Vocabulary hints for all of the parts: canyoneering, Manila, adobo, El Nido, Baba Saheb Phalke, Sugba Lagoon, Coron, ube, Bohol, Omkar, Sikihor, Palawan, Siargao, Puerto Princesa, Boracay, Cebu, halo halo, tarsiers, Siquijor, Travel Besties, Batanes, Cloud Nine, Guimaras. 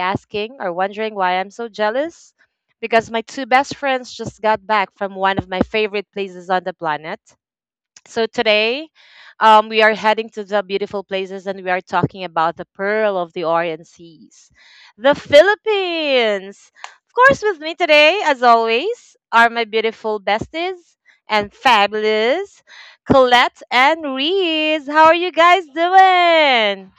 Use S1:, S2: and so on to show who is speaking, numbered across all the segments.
S1: asking or wondering why I'm so jealous, because my two best friends just got back from one of my favorite places on the planet. So today, we are heading to the beautiful places, and we are talking about the pearl of the Orient Seas, the Philippines. Of course, with me today, as always, are my beautiful besties and fabulous Colette and Reese. How are you guys doing?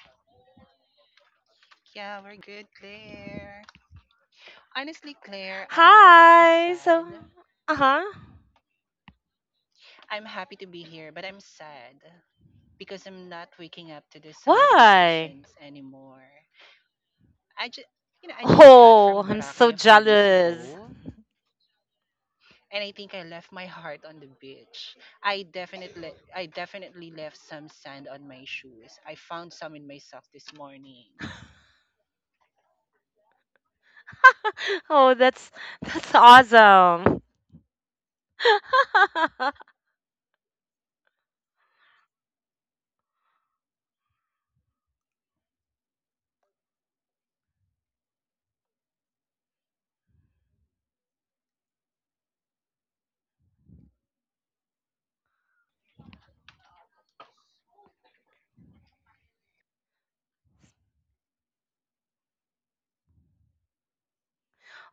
S2: Yeah, we're good, Claire. Honestly, Claire, I'm a little
S1: Hi. So,
S2: sad.
S1: uh huh.
S2: I'm happy to be here, but I'm sad because I'm not waking up to the sound of the
S1: Why?
S2: oceans anymore. I just, I just got
S1: Oh,
S2: from
S1: I'm so
S2: Boracay a few days
S1: jealous.
S2: ago, and I think I left my heart on the beach. I definitely left some sand on my shoes. I found some in my sock this morning.
S1: Oh, that's awesome.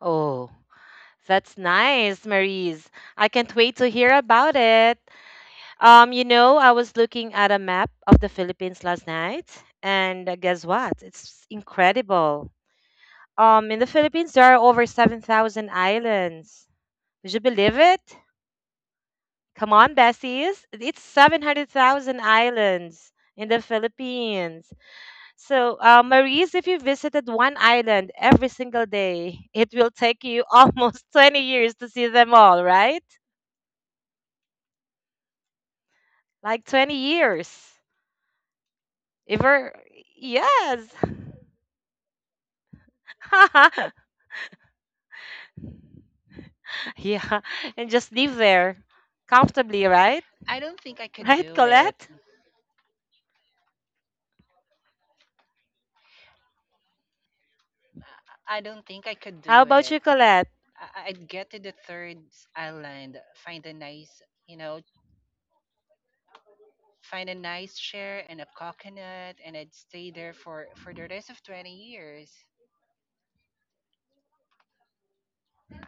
S1: Oh, that's nice, Maurice. I can't wait to hear about it. I was looking at a map of the Philippines last night, and guess what? It's incredible. In the Philippines, there are over 7,000 islands. Would you believe it? Come on, Bessies. It's 700,000 islands in the Philippines. So, Maurice, if you visited one island every single day, it will take you almost 20 years to see them all, right? Like 20 years. If we're, yes. Yeah. And just live there comfortably, right?
S2: I don't think I could
S1: Right,
S2: do it.
S1: Colette?
S2: I don't think I could
S1: How
S2: do
S1: about
S2: it.
S1: you, Colette?
S2: I'd get to the third island, find a nice, find a nice chair and a coconut, and I'd stay there for the rest of 20 years.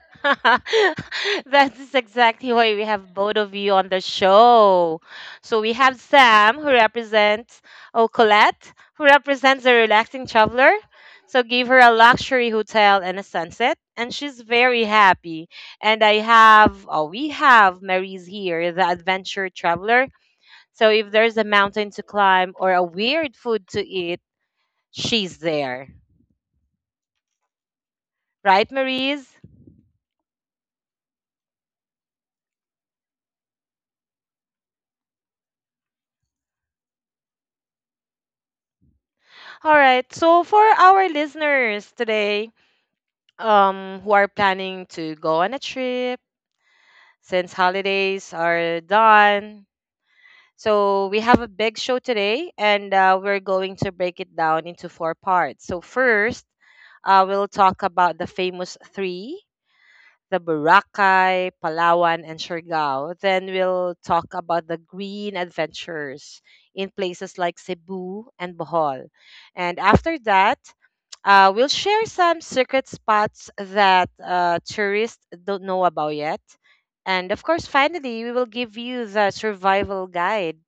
S1: That is exactly why we have both of you on the show. So we have Sam, who represents, oh, Colette, who represents a relaxing traveler. So give her a luxury hotel and a sunset, and she's very happy. And I have, oh, we have Mary's here, the adventure traveler. So if there's a mountain to climb or a weird food to eat, she's there. Right, Mary's? All right. So for our listeners today, who are planning to go on a trip since holidays are done. So we have a big show today, and we're going to break it down into four parts. So first, we'll talk about the famous three: the Boracay, Palawan, and Siargao. Then we'll talk about the green adventures in places like Cebu and Bohol. And after that, we'll share some secret spots that tourists don't know about yet. And of course, finally, we will give you the survival guide.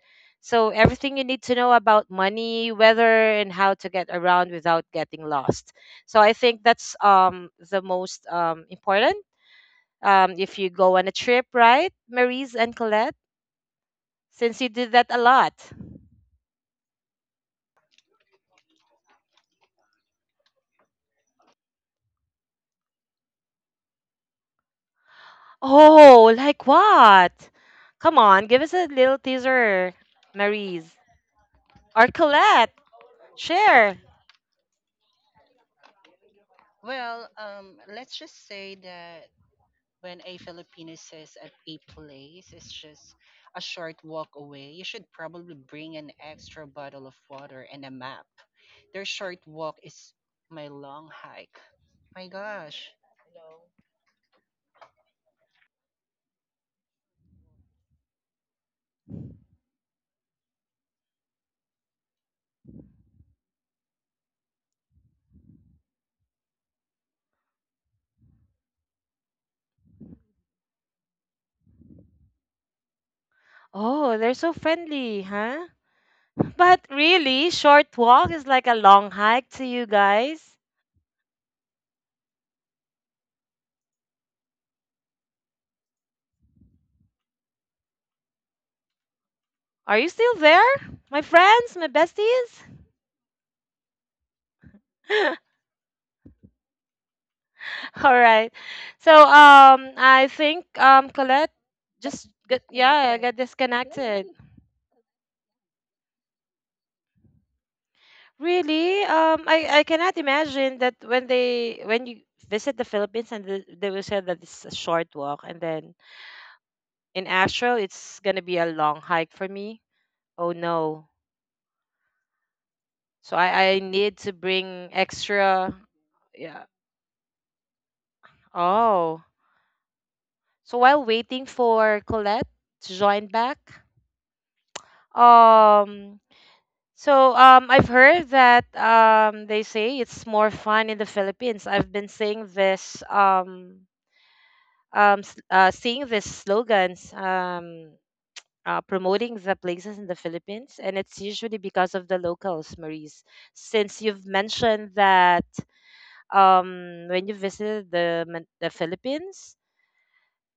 S1: So, everything you need to know about money, weather, and how to get around without getting lost. So, I think that's the most important if you go on a trip, right, Maurice and Colette? Since you did that a lot. Oh, like what? Come on, give us a little teaser, Maurice. Or Colette, share.
S2: Well, let's just say that when a Filipino says at a place is just a short walk away, you should probably bring an extra bottle of water and a map. Their short walk is my long hike. My gosh.
S1: Oh, they're so friendly, huh? But really, short walk is like a long hike to you guys. Are you still there? My friends, my besties? All right. So, I think, Colette just got, yeah, I got disconnected. Really? I cannot imagine that when they when you visit the Philippines and they will say that it's a short walk, and then in Astro it's gonna be a long hike for me. Oh no! So I need to bring extra. Yeah. Oh. So while waiting for Colette to join back, um. So I've heard that they say it's more fun in the Philippines. I've been seeing this seeing these slogans promoting the places in the Philippines, and it's usually because of the locals, Maurice. Since you've mentioned that when you visited the the Philippines,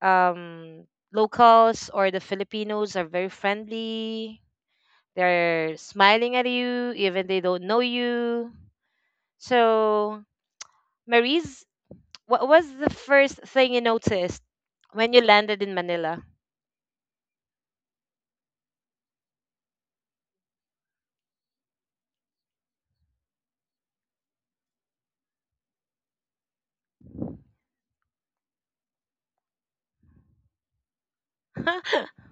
S1: um, locals or the Filipinos are very friendly. They're smiling at you, even they don't know you. So, Maurice, what was the first thing you noticed when you landed in Manila?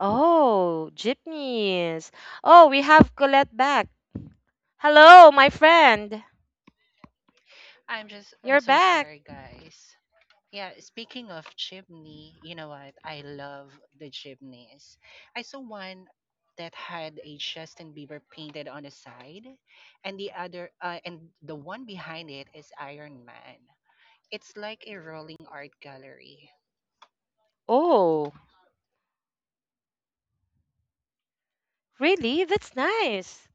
S1: Oh, jeepneys. Oh, we have Colette back. Hello, my friend.
S2: I'm
S1: You're
S2: so
S1: back.
S2: sorry guys. Yeah, speaking of chimney, you know what? I love the chimneys. I saw one that had a Justin Bieber painted on the side and the other and the one behind it is Iron Man. It's like a rolling art gallery.
S1: Oh, really? That's nice.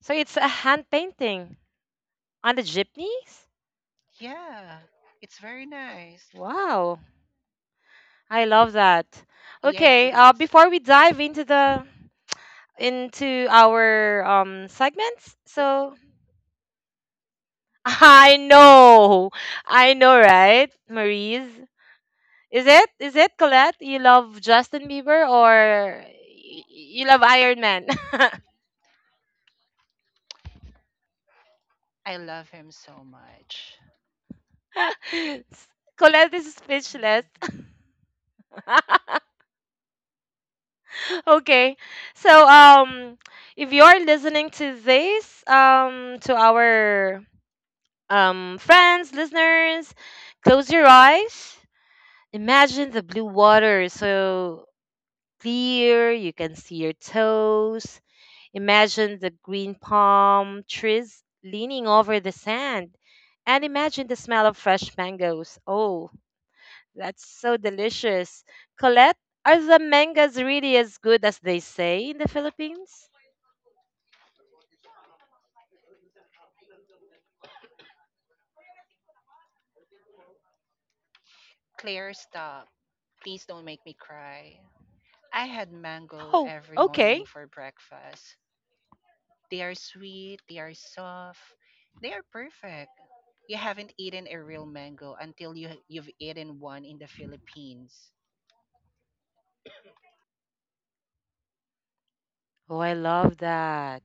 S1: So it's a hand painting on the jeepneys?
S2: Yeah, it's very nice.
S1: Wow, I love that.
S2: Yes,
S1: Okay,
S2: it is.
S1: before we dive into the into our segments, so I know, I know, right, Maurice? Is it? Is it Colette? You love Justin Bieber or you love Iron Man?
S2: I love him so much.
S1: Colette is speechless. Okay. So if you're listening to this to our friends, listeners, close your eyes. Imagine the blue water so clear, you can see your toes. Imagine the green palm trees leaning over the sand. And imagine the smell of fresh mangoes. Oh, that's so delicious. Colette, are the mangoes really as good as they say in the Philippines?
S2: Claire, stop. Please don't make me cry. I had mango
S1: Oh,
S2: every morning
S1: okay.
S2: for breakfast. They are sweet, they are soft, they are perfect. You haven't eaten a real mango until you've eaten one in the Philippines.
S1: Oh, I love that.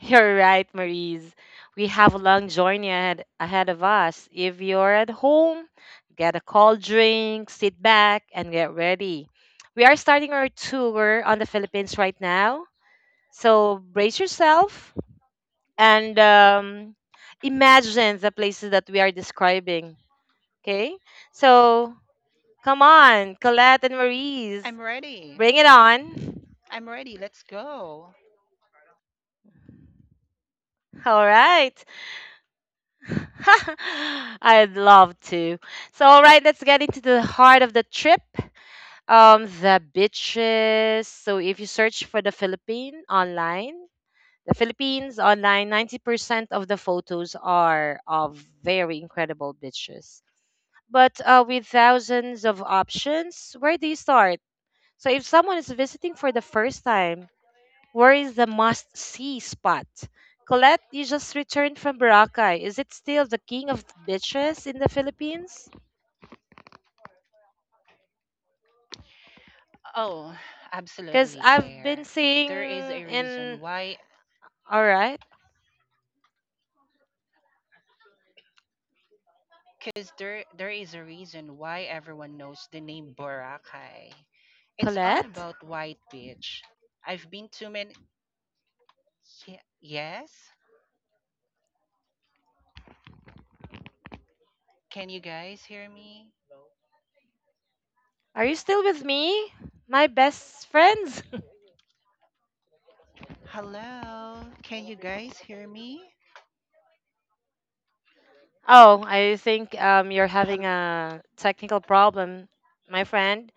S1: You're right, Maurice. We have a long journey ahead, ahead of us. If you're at home, get a cold drink, sit back, and get ready. We are starting our tour on the Philippines right now. So brace yourself and imagine the places that we are describing. Okay? So come on, Colette and Maurice,
S2: I'm ready.
S1: bring it on.
S2: I'm ready. Let's go.
S1: All right. I'd love to. So, all right, let's get into the heart of the trip. The beaches. So, if you search for the Philippines online, 90% of the photos are of very incredible beaches. But with thousands of options, where do you start? So, if someone is visiting for the first time, where is the must see spot? Colette, you just returned from Boracay. Is it still the king of beaches in the Philippines?
S2: Oh,
S1: Because
S2: absolutely,
S1: I've been
S2: Claire.
S1: seeing
S2: There is a reason
S1: in.
S2: why
S1: All right.
S2: cuz there there is a reason why everyone knows the name Boracay. It's all
S1: Colette,
S2: about White Beach. I've been to many yes. Can you guys hear me?
S1: are you still with me? My best friends?
S2: Hello. Can you guys hear me?
S1: Oh, I think you're having
S2: Hel-
S1: a technical problem, my friend.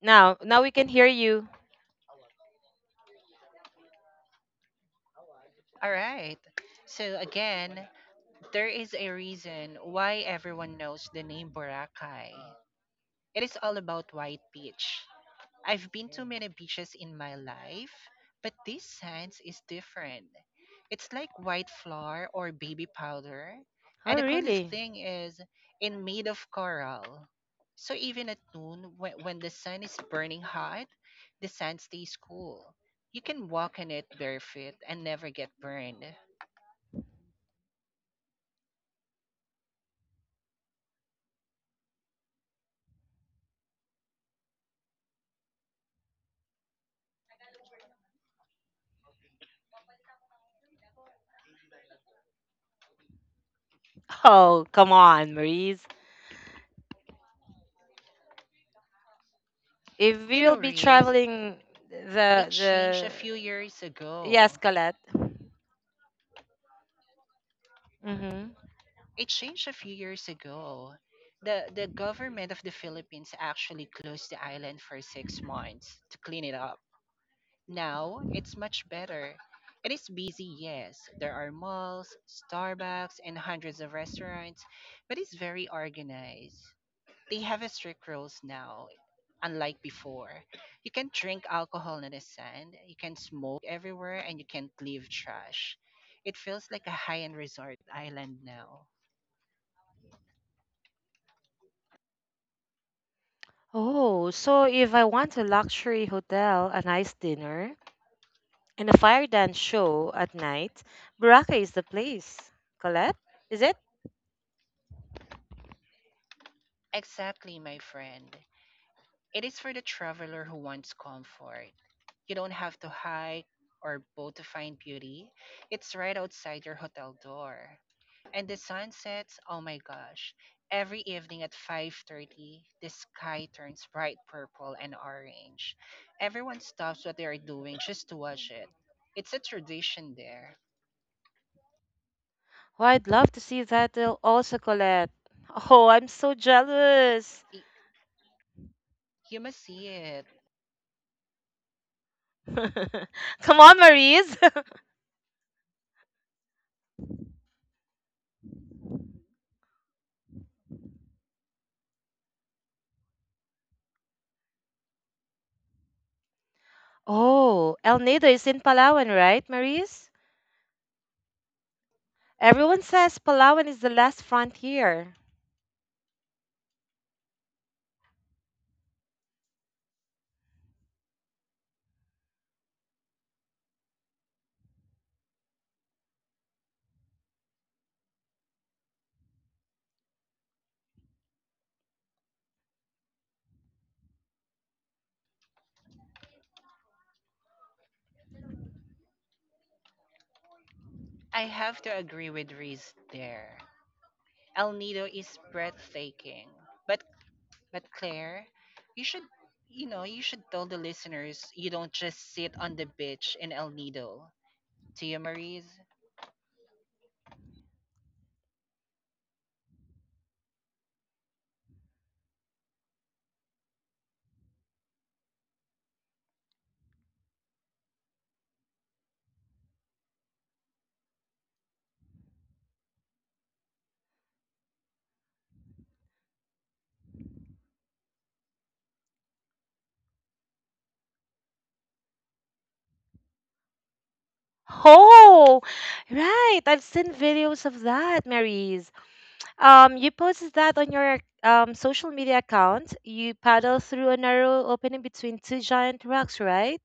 S1: Now, now we can hear you.
S2: All right. So again, there is a reason why everyone knows the name Boracay. It is all about white peach. I've been to many beaches in my life, but this sands is different. It's like white flour or baby powder,
S1: Oh,
S2: and the coolest
S1: really?
S2: thing is in made of coral. So even at noon, when the sun is burning hot, the sand stays cool. You can walk in it barefoot and never get burned.
S1: Oh, come on, Maurice. If we
S2: You
S1: will
S2: know,
S1: be
S2: Riz,
S1: traveling
S2: it changed a
S1: the
S2: few years
S1: yes,
S2: ago.
S1: Colette. Mm-hmm.
S2: It changed a few years ago. The government of the Philippines actually closed the island for 6 months to clean it up. Now it's much better. It is busy, yes. There are malls, Starbucks, and hundreds of restaurants, but it's very organized. They have a strict rules now, unlike before. You can drink alcohol in the sand, you can smoke everywhere, and you can't leave trash. It feels like a high-end resort island now.
S1: Oh, so if I want a luxury hotel, a nice dinner, and a fire dance show at night, Baraka is the place. Colette, is it?
S2: Exactly, my friend. It is for the traveler who wants comfort. You don't have to hike or boat to find beauty. It's right outside your hotel door. And the sunsets, oh my gosh. Every evening at 5:30, the sky turns bright purple and orange. Everyone stops what they are doing just to watch it. It's a tradition there.
S1: Oh, I'd love to see that also, Colette. Oh, I'm so jealous.
S2: Y- You must see it.
S1: Come on, Maurice. Oh, El Nido is in Palawan, right, Maurice? Everyone says Palawan is the last frontier.
S2: I have to agree with Reese there. El Nido is breathtaking. But but Claire, you should you know, you should tell the listeners you don't just sit on the beach in El Nido. Tia Marie's.
S1: Oh, right. I've seen videos of that, Maurice. You posted that on your social media account. You paddle through a narrow opening between two giant rocks, right?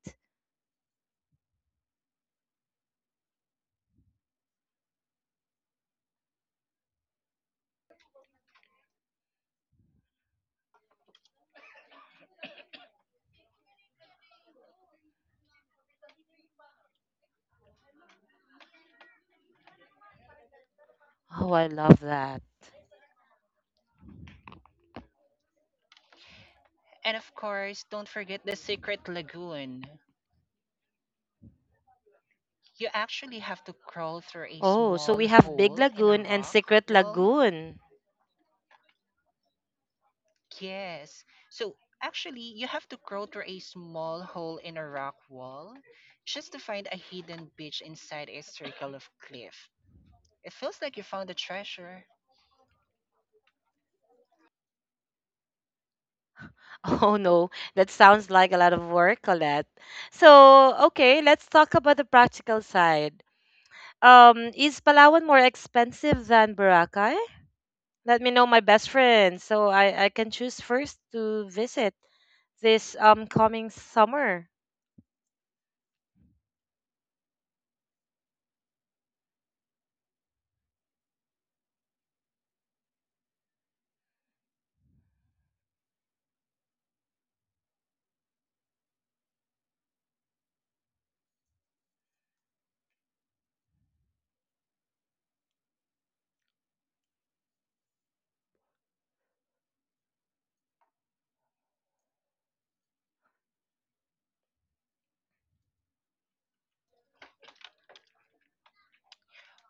S1: Oh, I love that.
S2: And of course, don't forget the secret lagoon. You actually have to crawl through a
S1: Oh, so
S2: small
S1: we have Big
S2: hole in a
S1: Lagoon and
S2: rock
S1: Secret
S2: wall.
S1: Lagoon.
S2: Yes. So actually you have to crawl through a small hole in a rock wall just to find a hidden beach inside a circle of cliff. It feels like you found a treasure.
S1: Oh no, that sounds like a lot of work, Colette. So, okay, let's talk about the practical side. Is Palawan more expensive than Boracay? Let me know my best friend so I can choose first to visit this coming summer.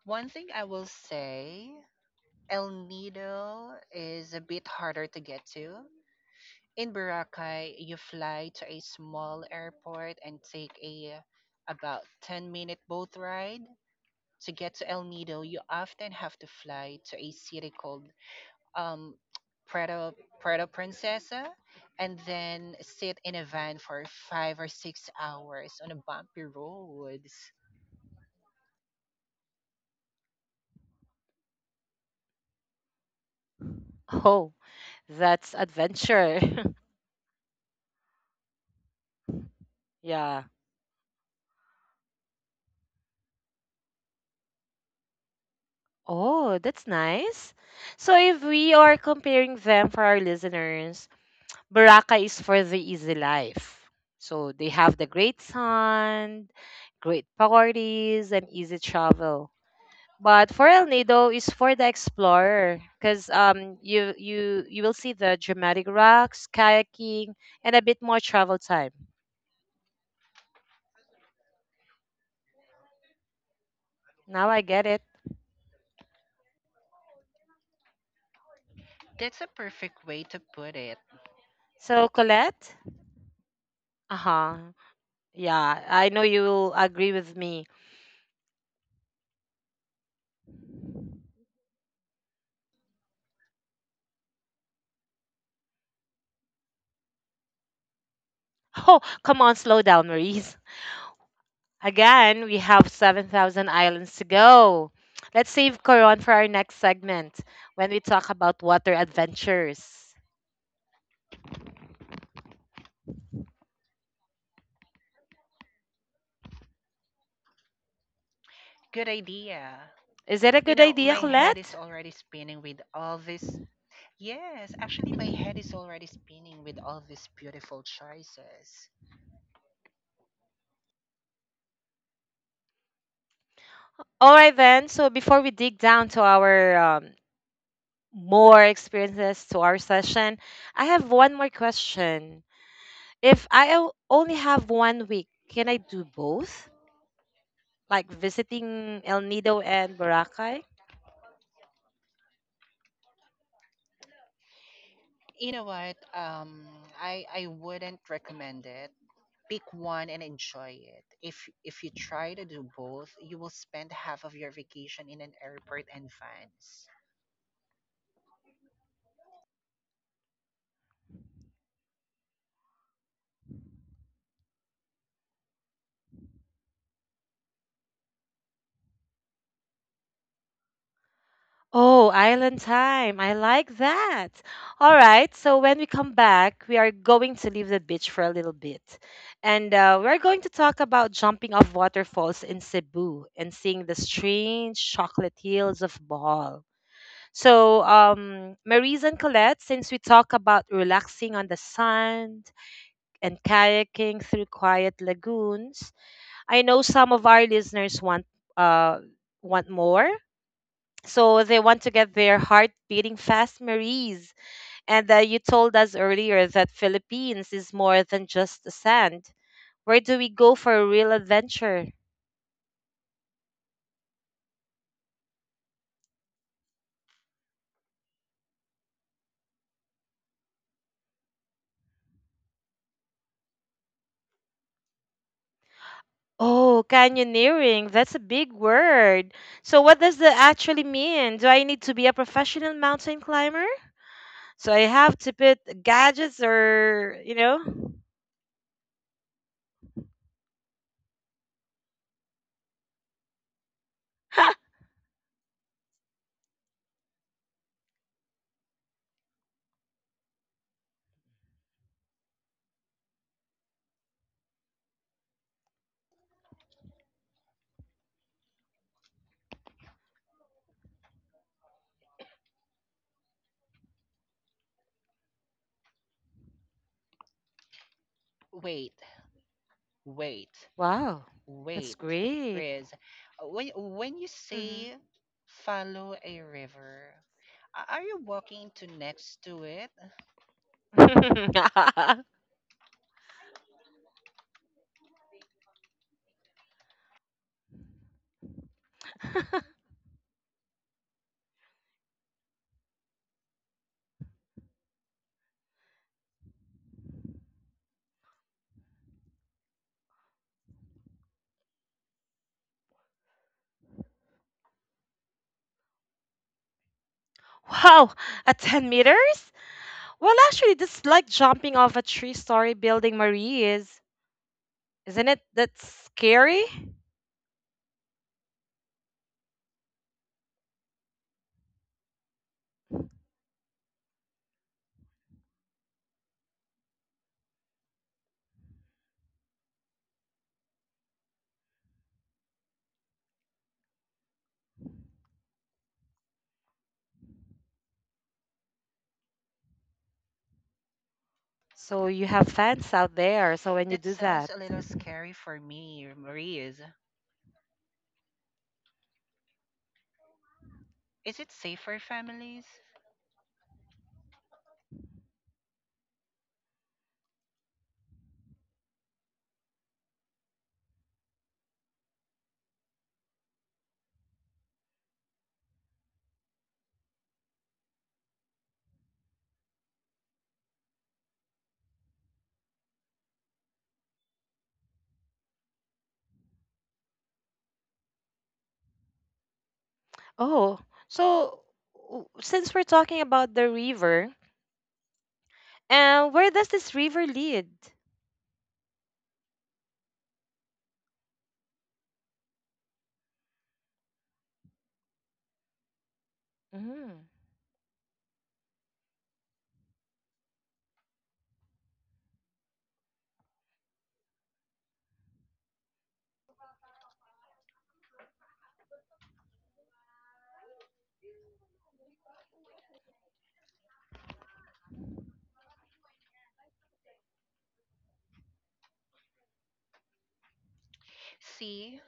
S2: One thing I will say El Nido is a bit harder to get to. In Boracay, you fly to a small airport and take a about 10-minute boat ride. To get to El Nido, you often have to fly to a city called um, Puerto, Puerto Princesa and then sit in a van for 5 or 6 hours on a bumpy roads.
S1: Oh. That's adventure. Yeah. Oh, that's nice. So if we are comparing them for our listeners, Baraka is for the easy life. So they have the great sun, great parties, and easy travel. But for El Nido is for the explorer, because you will see the dramatic rocks, kayaking, and a bit more travel time. Now I get it.
S2: That's a perfect way to put it.
S1: So Colette, uh huh. Yeah, I know you will agree with me. Oh, come on, slow down, Maurice. Again, we have 7,000 islands to go. Let's save Coron for our next segment when we talk about water adventures.
S2: Good idea.
S1: Is that a
S2: You
S1: good
S2: know,
S1: idea,
S2: my head is
S1: Colette?
S2: already spinning with all this. Yes, actually, my head is already spinning with all these beautiful choices.
S1: All right, then. So before we dig down to our more experiences to our session, I have one more question. If I only have 1 week, can I do both? Like visiting El Nido and Boracay?
S2: You know what? I wouldn't recommend it. Pick one and enjoy it. If you try to do both, you will spend half of your vacation in an airport and vans.
S1: Oh, island time. I like that. All right. So when we come back, we are going to leave the beach for a little bit. And we're going to talk about jumping off waterfalls in Cebu and seeing the strange chocolate hills of Bohol. So, Maries and Colette, since we talk about relaxing on the sand and kayaking through quiet lagoons, I know some of our listeners uh, want more. So they want to get their heart beating fast, Maries. And you told us earlier that Philippines is more than just the sand. Where do we go for a real adventure? Oh, canyoneering. That's a big word. So what does that actually mean? Do I need to be a professional mountain climber? So I have to put gadgets or, you know?
S2: Wait, wait.
S1: Wow, that's
S2: Wait,
S1: great.
S2: Riz, when you
S1: Hmm.
S2: say follow a river, are you walking to next to it?
S1: Wow, at 10 meters? Well, actually, just like jumping off a three-story building, Marie is, isn't it? That's scary. So you have fans out there. So when you
S2: That
S1: do
S2: sounds
S1: that,
S2: a little scary for me, Riz. Is it safe for families?
S1: oh, so since we're talking about the river, and where does this river lead? Mm.
S2: See,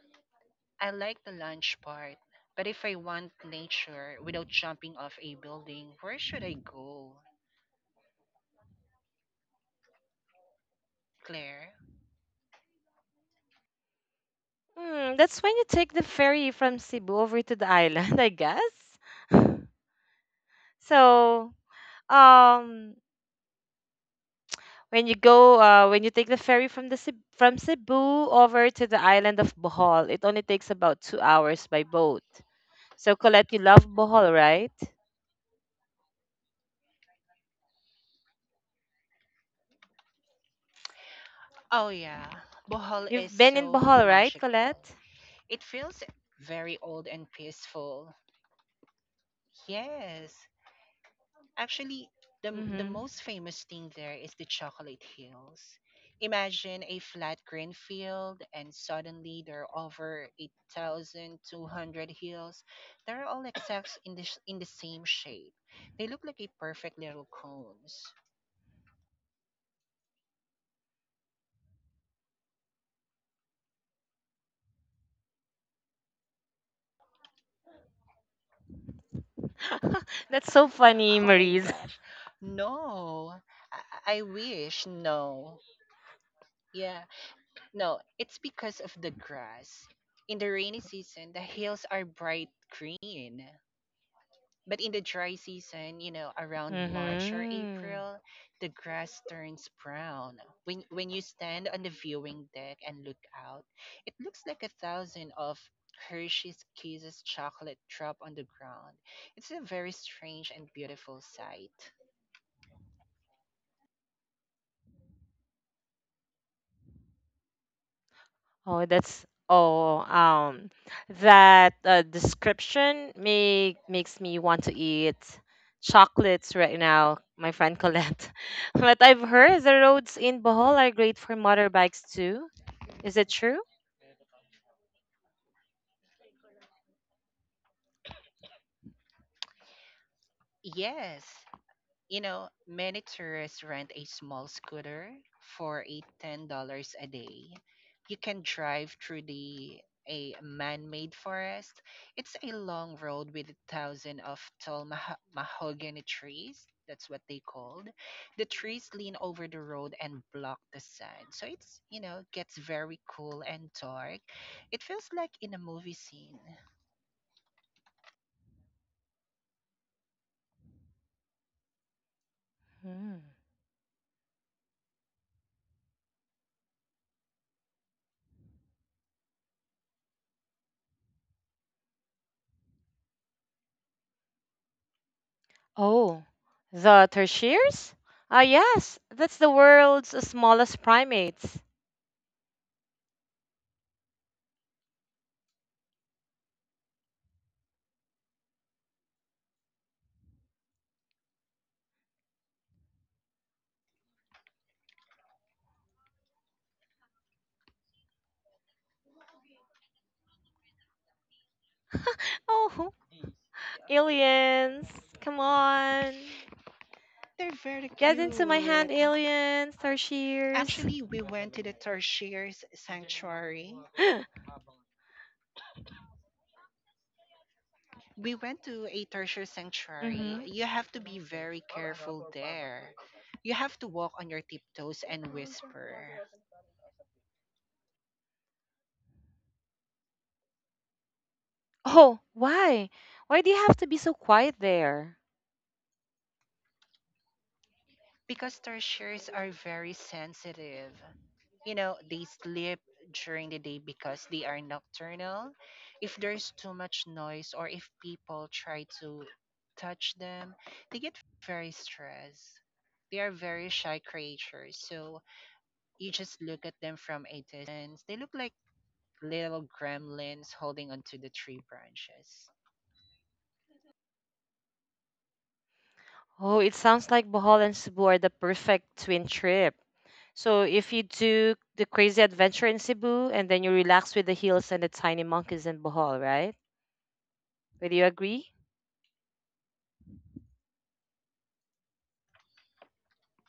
S2: I like the lunch part, but if I want nature without jumping off a building, where should I go, Claire?
S1: Hmm, that's when you take the ferry from Cebu over to the island, I guess. So, um, when you go when you take the ferry from the from Cebu over to the island of Bohol, it only takes about 2 hours by boat. So Colette, you love Bohol, right?
S2: Oh yeah, Bohol is
S1: You've been in
S2: so
S1: Bohol, right,
S2: magical.
S1: Colette?
S2: It feels very old and peaceful. Yes, Actually, the
S1: Mm-hmm.
S2: most famous thing there is the chocolate hills. Imagine a flat green field, and suddenly there are over 8,200 hills. They're all exact in the sh- in the same shape. They look like a perfect little cones.
S1: That's so funny,
S2: Oh my
S1: Maurice.
S2: gosh, no! I wish no. Yeah, no. It's because of the grass. In the rainy season, the hills are bright green. But in the dry season, you know, around March or
S1: Mm-hmm.
S2: April, the grass turns brown. When you stand on the viewing deck and look out, it looks like a thousand of Hershey's Kisses chocolate drop on the ground. It's a very strange and beautiful sight.
S1: Oh, that's oh that description makes me want to eat chocolates right now, my friend Colette. But I've heard the roads in Bohol are great for motorbikes too. Is it true?
S2: Yes, You know, many tourists rent a small scooter for a $10 a day. You can drive through the a man-made forest. It's a long road with thousands of tall mahogany trees. That's what they called. The trees lean over the road and block the sun, so it's gets very cool and dark. It feels like in a movie scene.
S1: Hmm. Oh, the tertiaries? Ah, yes, that's the world's smallest primates. Oh, aliens! Come on,
S2: They're very
S1: get into my hand,
S2: cute.
S1: aliens, tertiaries.
S2: Actually, we went to the Tertiary's sanctuary. We went to a tertiary sanctuary.
S1: Mm-hmm.
S2: You have to be very careful there. You have to walk on your tiptoes and whisper.
S1: Oh, why? Why do you have to be so quiet there?
S2: Because tertiaries are very sensitive. You know, they sleep during the day because they are nocturnal. If there's too much noise or if people try to touch them, they get very stressed. They are very shy creatures. So you just look at them from a distance. They look like little gremlins holding onto the tree branches.
S1: Oh, it sounds like Bohol and Cebu are the perfect twin trip. So if you do the crazy adventure in Cebu and then you relax with the hills and the tiny monkeys in Bohol, right? Would you agree?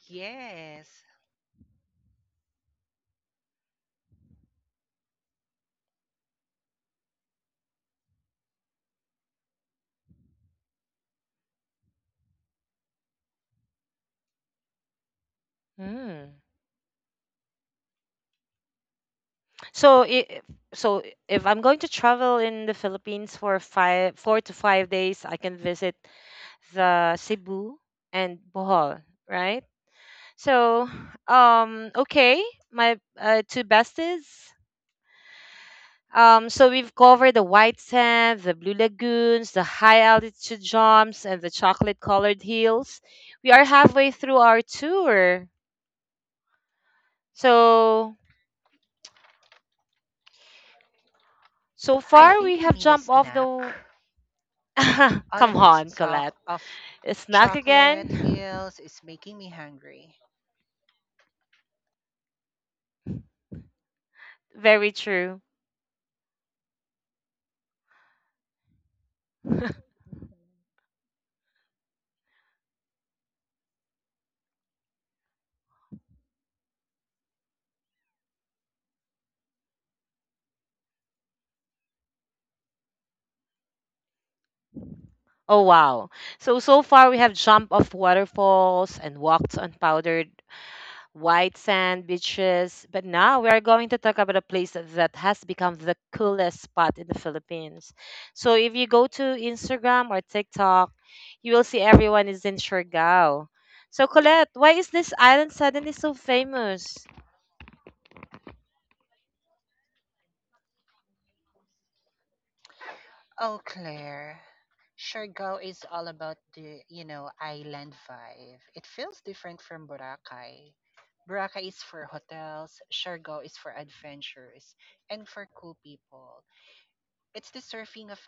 S2: Yes.
S1: Mm. So if, so if I'm going to travel in the Philippines for 5, 4 to 5 days, I can visit the Cebu and Bohol, right? So, okay, my two besties. So we've covered the white sand, the blue lagoons, the high altitude jumps, and the chocolate colored hills. We are halfway through our tour. So, so
S2: I
S1: far we
S2: think I
S1: have
S2: need a
S1: jumped off
S2: snack.
S1: the.
S2: All
S1: Come
S2: of this
S1: on, Colette.
S2: talk of
S1: A snack
S2: chocolate
S1: again?
S2: hills is making me hungry.
S1: Very true. Oh wow. So far we have jumped off waterfalls and walked on powdered white sand beaches. But now we are going to talk about a place that has become the coolest spot in the Philippines. So if you go to Instagram or TikTok, you will see everyone is in Siargao. So Colette, why is this island suddenly so famous?
S2: Oh, Claire. Siargao is all about the, Island vibe. It feels different from Boracay. Boracay is for hotels, Siargao is for adventures, and for cool people. It's the surfing of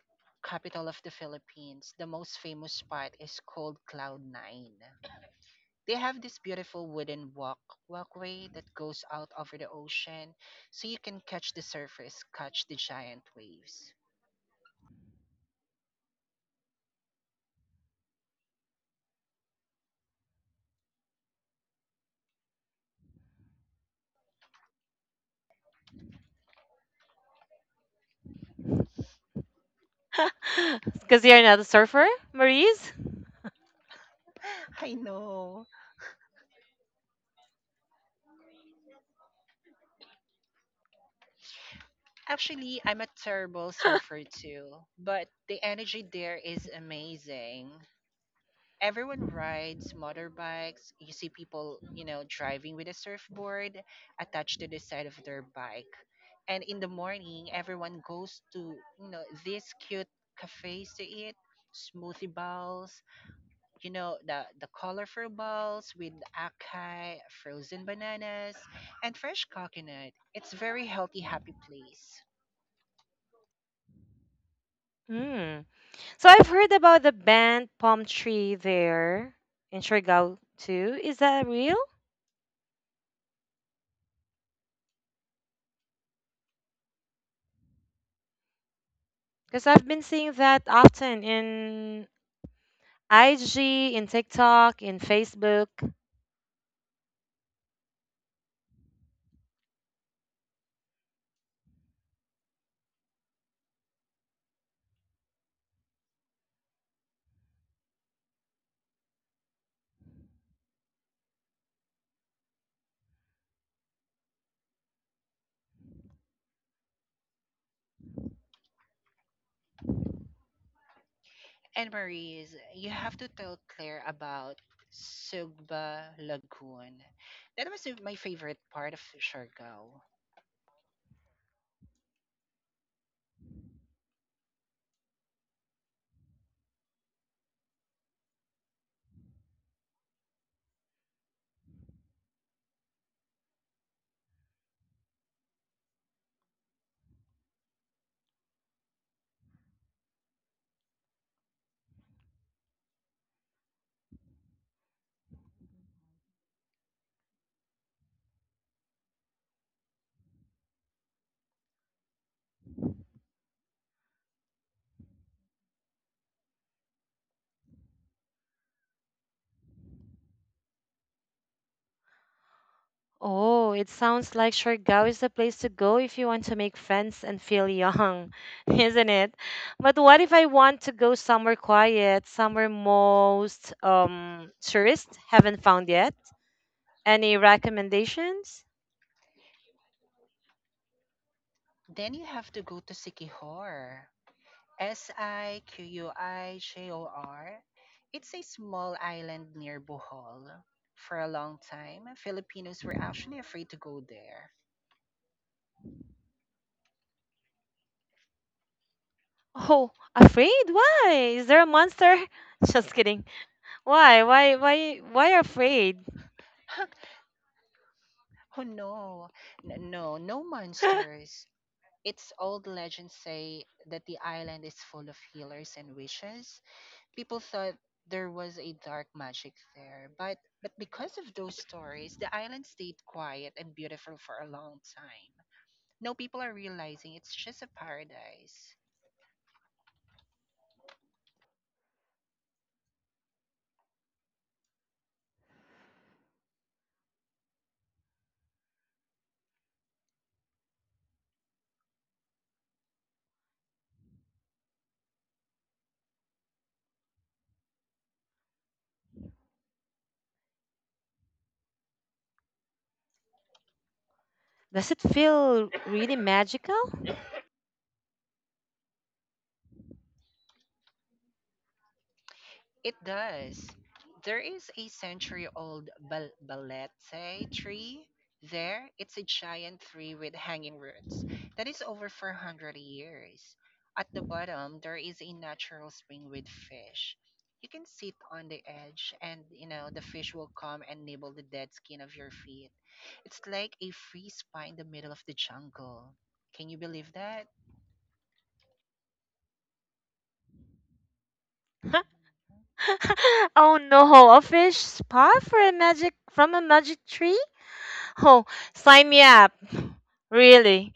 S2: capital of the Philippines. The most famous spot is called Cloud Nine. They have this beautiful wooden walkway that goes out over the ocean so you can catch the surface catch the giant waves
S1: Because you're not a surfer, Maurice?
S2: I know actually I'm a terrible surfer too but the energy there is amazing everyone rides motorbikes you see people driving with a surfboard attached to the side of their bike and in the morning everyone goes to these cute cafes to eat smoothie bowls the colorful balls with acai, frozen bananas, and fresh coconut. It's very healthy, happy place.
S1: Hmm. So I've heard about the banned palm tree there in Siargao too. Is that real? Because I've been seeing that often in IG, in TikTok, in Facebook.
S2: And Maurice, you have to tell Claire about Sugba Lagoon. That was my favorite part of Siargao.
S1: Oh, it sounds like Siargao is the place to go if you want to make friends and feel young, isn't it? But what if I want to go somewhere quiet, somewhere most tourists haven't found yet? Any recommendations?
S2: Then you have to go to Sikihor. Siquijor. It's a small island near Bohol. For a long time, Filipinos were actually afraid to go there.
S1: Oh, afraid? Why? Is there a monster? Just kidding. Why? Why? Why? Why afraid?
S2: Oh no, no, no monsters. It's old legends say that the island is full of healers and witches. People thought there was a dark magic there, but because of those stories, the island stayed quiet and beautiful for a long time. Now people are realizing it's just a paradise.
S1: Does it feel really magical?
S2: It does. There is a century old balete tree there. It's a giant tree with hanging roots that is over 400 years. At the bottom, there is a natural spring with fish. You can sit on the edge and you know the fish will come and nibble the dead skin of your feet. It's like a free spa in the middle of the jungle. Can you believe that?
S1: Oh no, a fish spa for a magic tree? Oh, sign me up. Really?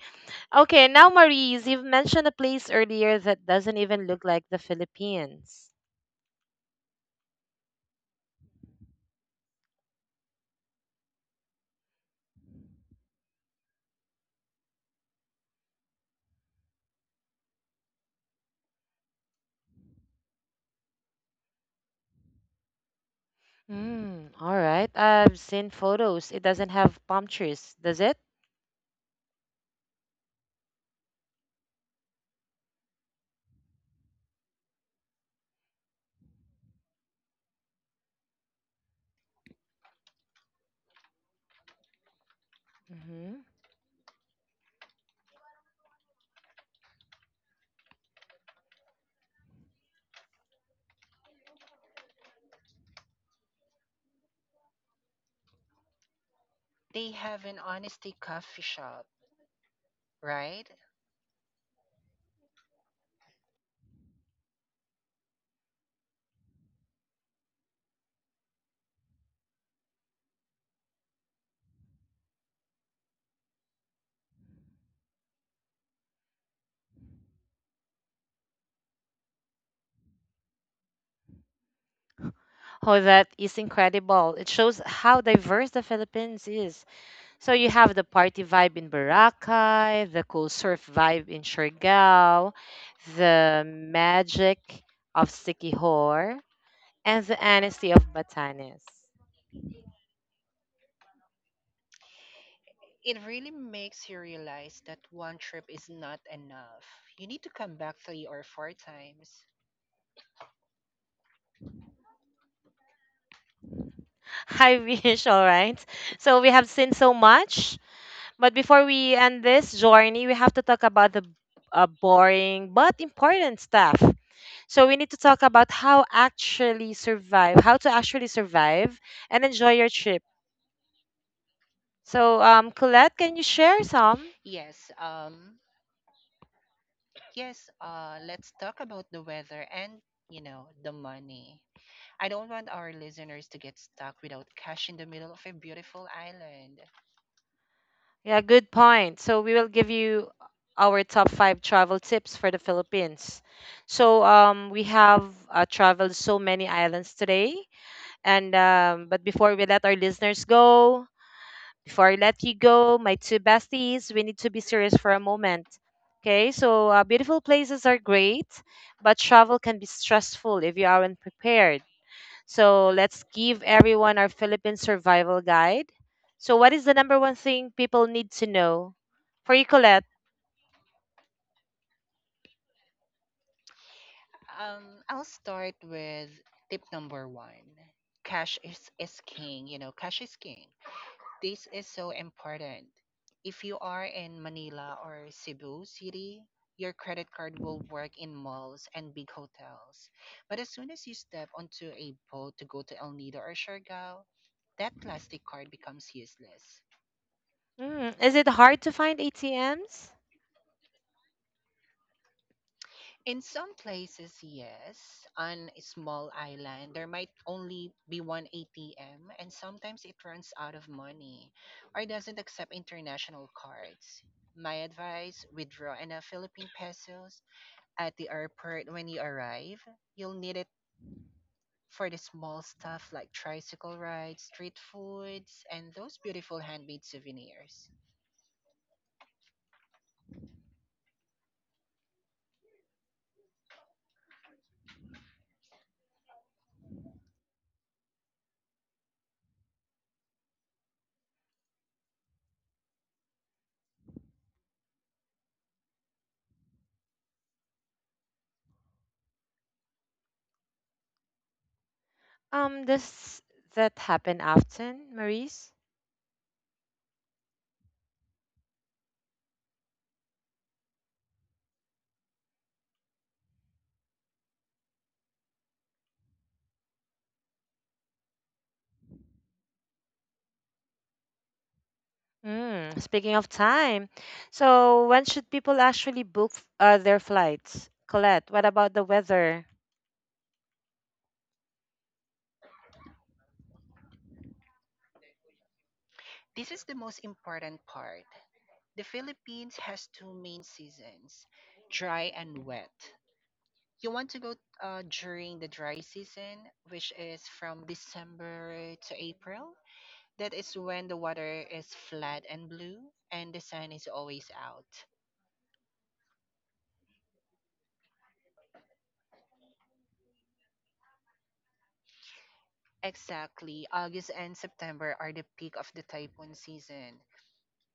S1: Okay, now Maurice, you've mentioned a place earlier that doesn't even look like the Philippines. Hmm, all right. I've seen photos. It doesn't have palm trees, does it? Hmm.
S2: They have an honesty coffee shop, right?
S1: Oh, that is incredible. It shows how diverse the Philippines is. So you have the party vibe in Boracay, the cool surf vibe in Siargao, the magic of Siquijor, and the honesty of Batanes.
S2: it really makes you realize that one trip is not enough. You need to come back three or four times.
S1: I wish, all right. So we have seen so much, but before we end this journey, we have to talk about the boring but important stuff. So we need to talk about how actually survive, how to actually survive and enjoy your trip. Colette, can you share some?
S2: Yes, yes, let's talk about the weather and, you know, the money. I don't want our listeners to get stuck without cash in the middle of a beautiful island.
S1: Yeah, good point. So we will give you our top 5 travel tips for the Philippines. We have traveled so many islands today, and but before we let our listeners go, before I let you go, my two besties, we need to be serious for a moment. Okay, so beautiful places are great, but travel can be stressful if you aren't prepared. So let's give everyone our Philippine survival guide. So, what is the number one thing people need to know? For you, Colette,
S2: I'll start with tip number one. Is king, you know, cash is king. This is so important. If you are in Manila or Cebu City, your credit card will work in malls and big hotels. But as soon as you step onto a boat to go to El Nido or Siargao, that plastic card becomes useless.
S1: mm, is it hard to find ATMs?
S2: In some places, yes, on a small island, there might only be one ATM, and sometimes it runs out of money or doesn't accept international cards. My advice withdraw enough Philippine pesos at the airport when you arrive. You'll need it for the small stuff like tricycle rides, street foods, and those beautiful handmade souvenirs.
S1: Does that happen often, Maurice? Mm, speaking of time, so when should people actually book their flights? Colette, what about the weather?
S2: This is the most important part. The Philippines has two main seasons dry and wet. You want to go during the dry season, which is from December to April. That is when the water is flat and blue and the sun is always out. Exactly. August and September are the peak of the typhoon season.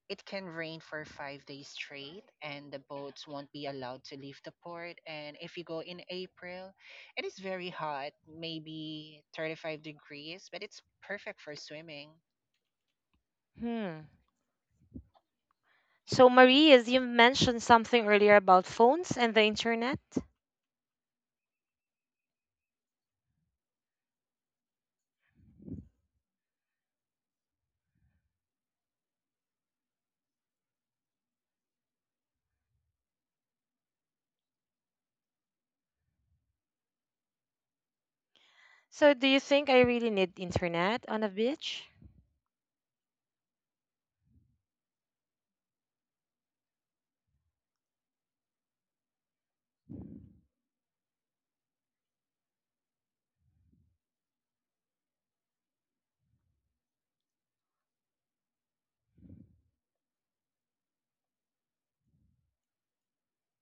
S2: It can rain for 5 days straight, and the boats won't be allowed to leave the port. And if you go in April, it is very hot, maybe 35 degrees, but it's perfect for swimming.
S1: Hmm. So, Marie, as you mentioned something earlier about phones and the internet. So, do you think I really need internet on a beach?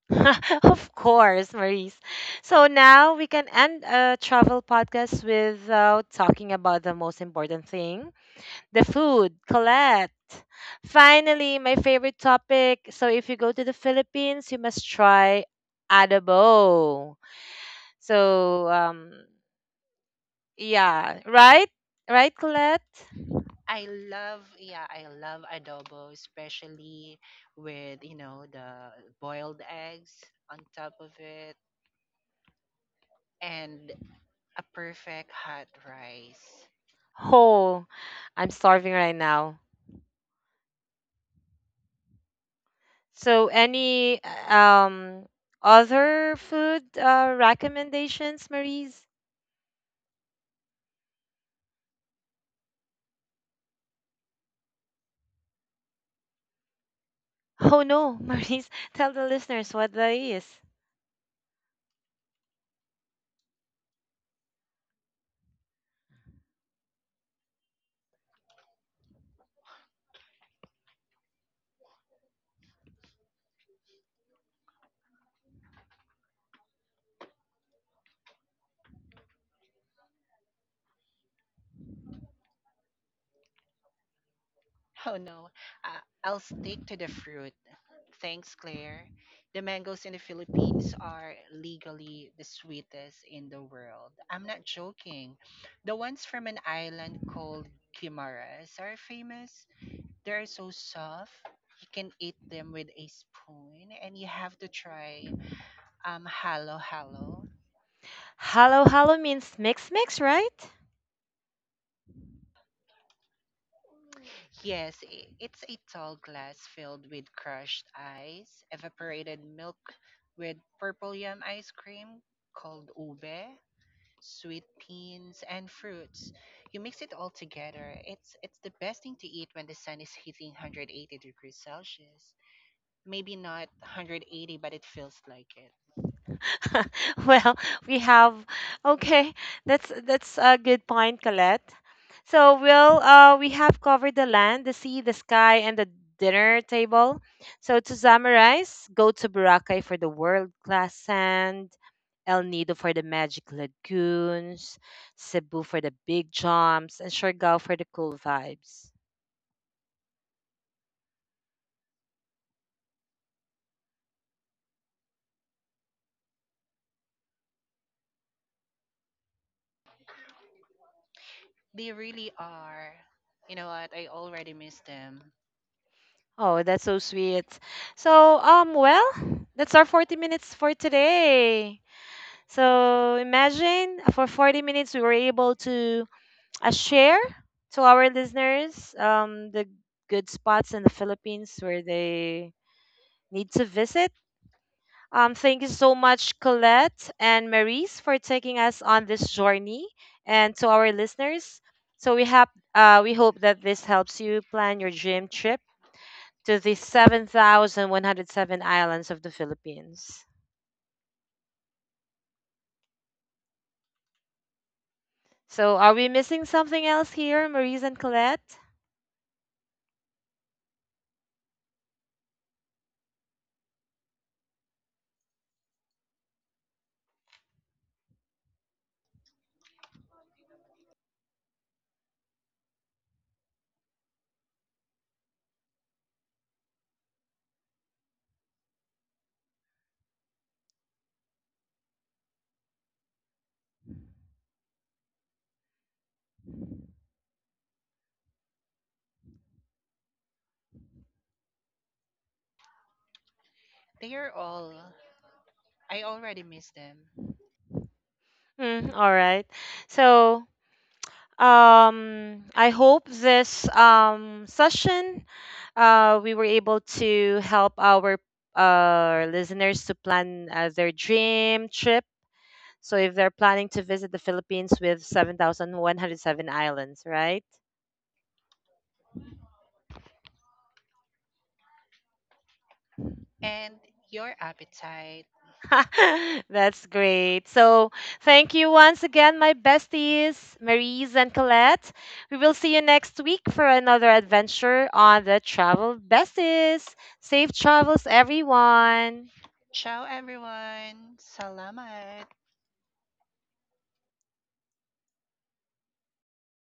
S1: Of course, Maurice. So now we can end a travel podcast without talking about the most important thing the food. Colette. Finally, my favorite topic. So if you go to the Philippines, you must try adobo. So, um, yeah, right? Right, Colette?
S2: I love, yeah, I love adobo, especially with, you know, the boiled eggs on top of it and a perfect hot rice.
S1: Oh, I'm starving right now. So, any um other food recommendations, Maurice? Oh no, Maurice, tell the listeners what that is.
S2: Oh no, I'll stick to the fruit. Thanks, Claire. The mangoes in the Philippines are legally the sweetest in the world. I'm not joking. The ones from an island called Guimaras are famous. They're so soft. You can eat them with a spoon, and you have to try halo halo.
S1: Hello, hello means mix, mix, right?
S2: Yes, it's a tall glass filled with crushed ice, evaporated milk with purple yum ice cream called ube, sweet peas, and fruits. You mix it all together. It's the best thing to eat when the sun is hitting 180 degrees Celsius. Maybe not 180, but it feels like it.
S1: Well, we have okay. That's a good point, Colette. So we'll we have covered the land, the sea, the sky, and the dinner table. So to summarize, go to Boracay for the world class sand, El Nido for the magic lagoons, Cebu for the big jumps, and Siargao for the cool vibes.
S2: They really are. You know what? I already miss them.
S1: Oh, that's so sweet. So um, well, that's our 40 minutes for today. So imagine for 40 minutes we were able to share to our listeners the good spots in the Philippines where they need to visit. Thank you so much, Colette and Maurice, for taking us on this journey, and to our listeners. So we have we hope that this helps you plan your dream trip to the 7,107 islands of the Philippines. So are we missing something else here, Maurice and Colette?
S2: They are all. I already miss them.
S1: Hmm. All right. So, I hope this session we were able to help our listeners to plan their dream trip. So, if they're planning to visit the Philippines with 7,107 islands, right?
S2: And your appetite
S1: That's great. So, thank you once again, my besties, Maries and Colette. We will see you next week for another adventure on the Travel Besties. Safe travels, everyone.
S2: Ciao everyone. Salamat.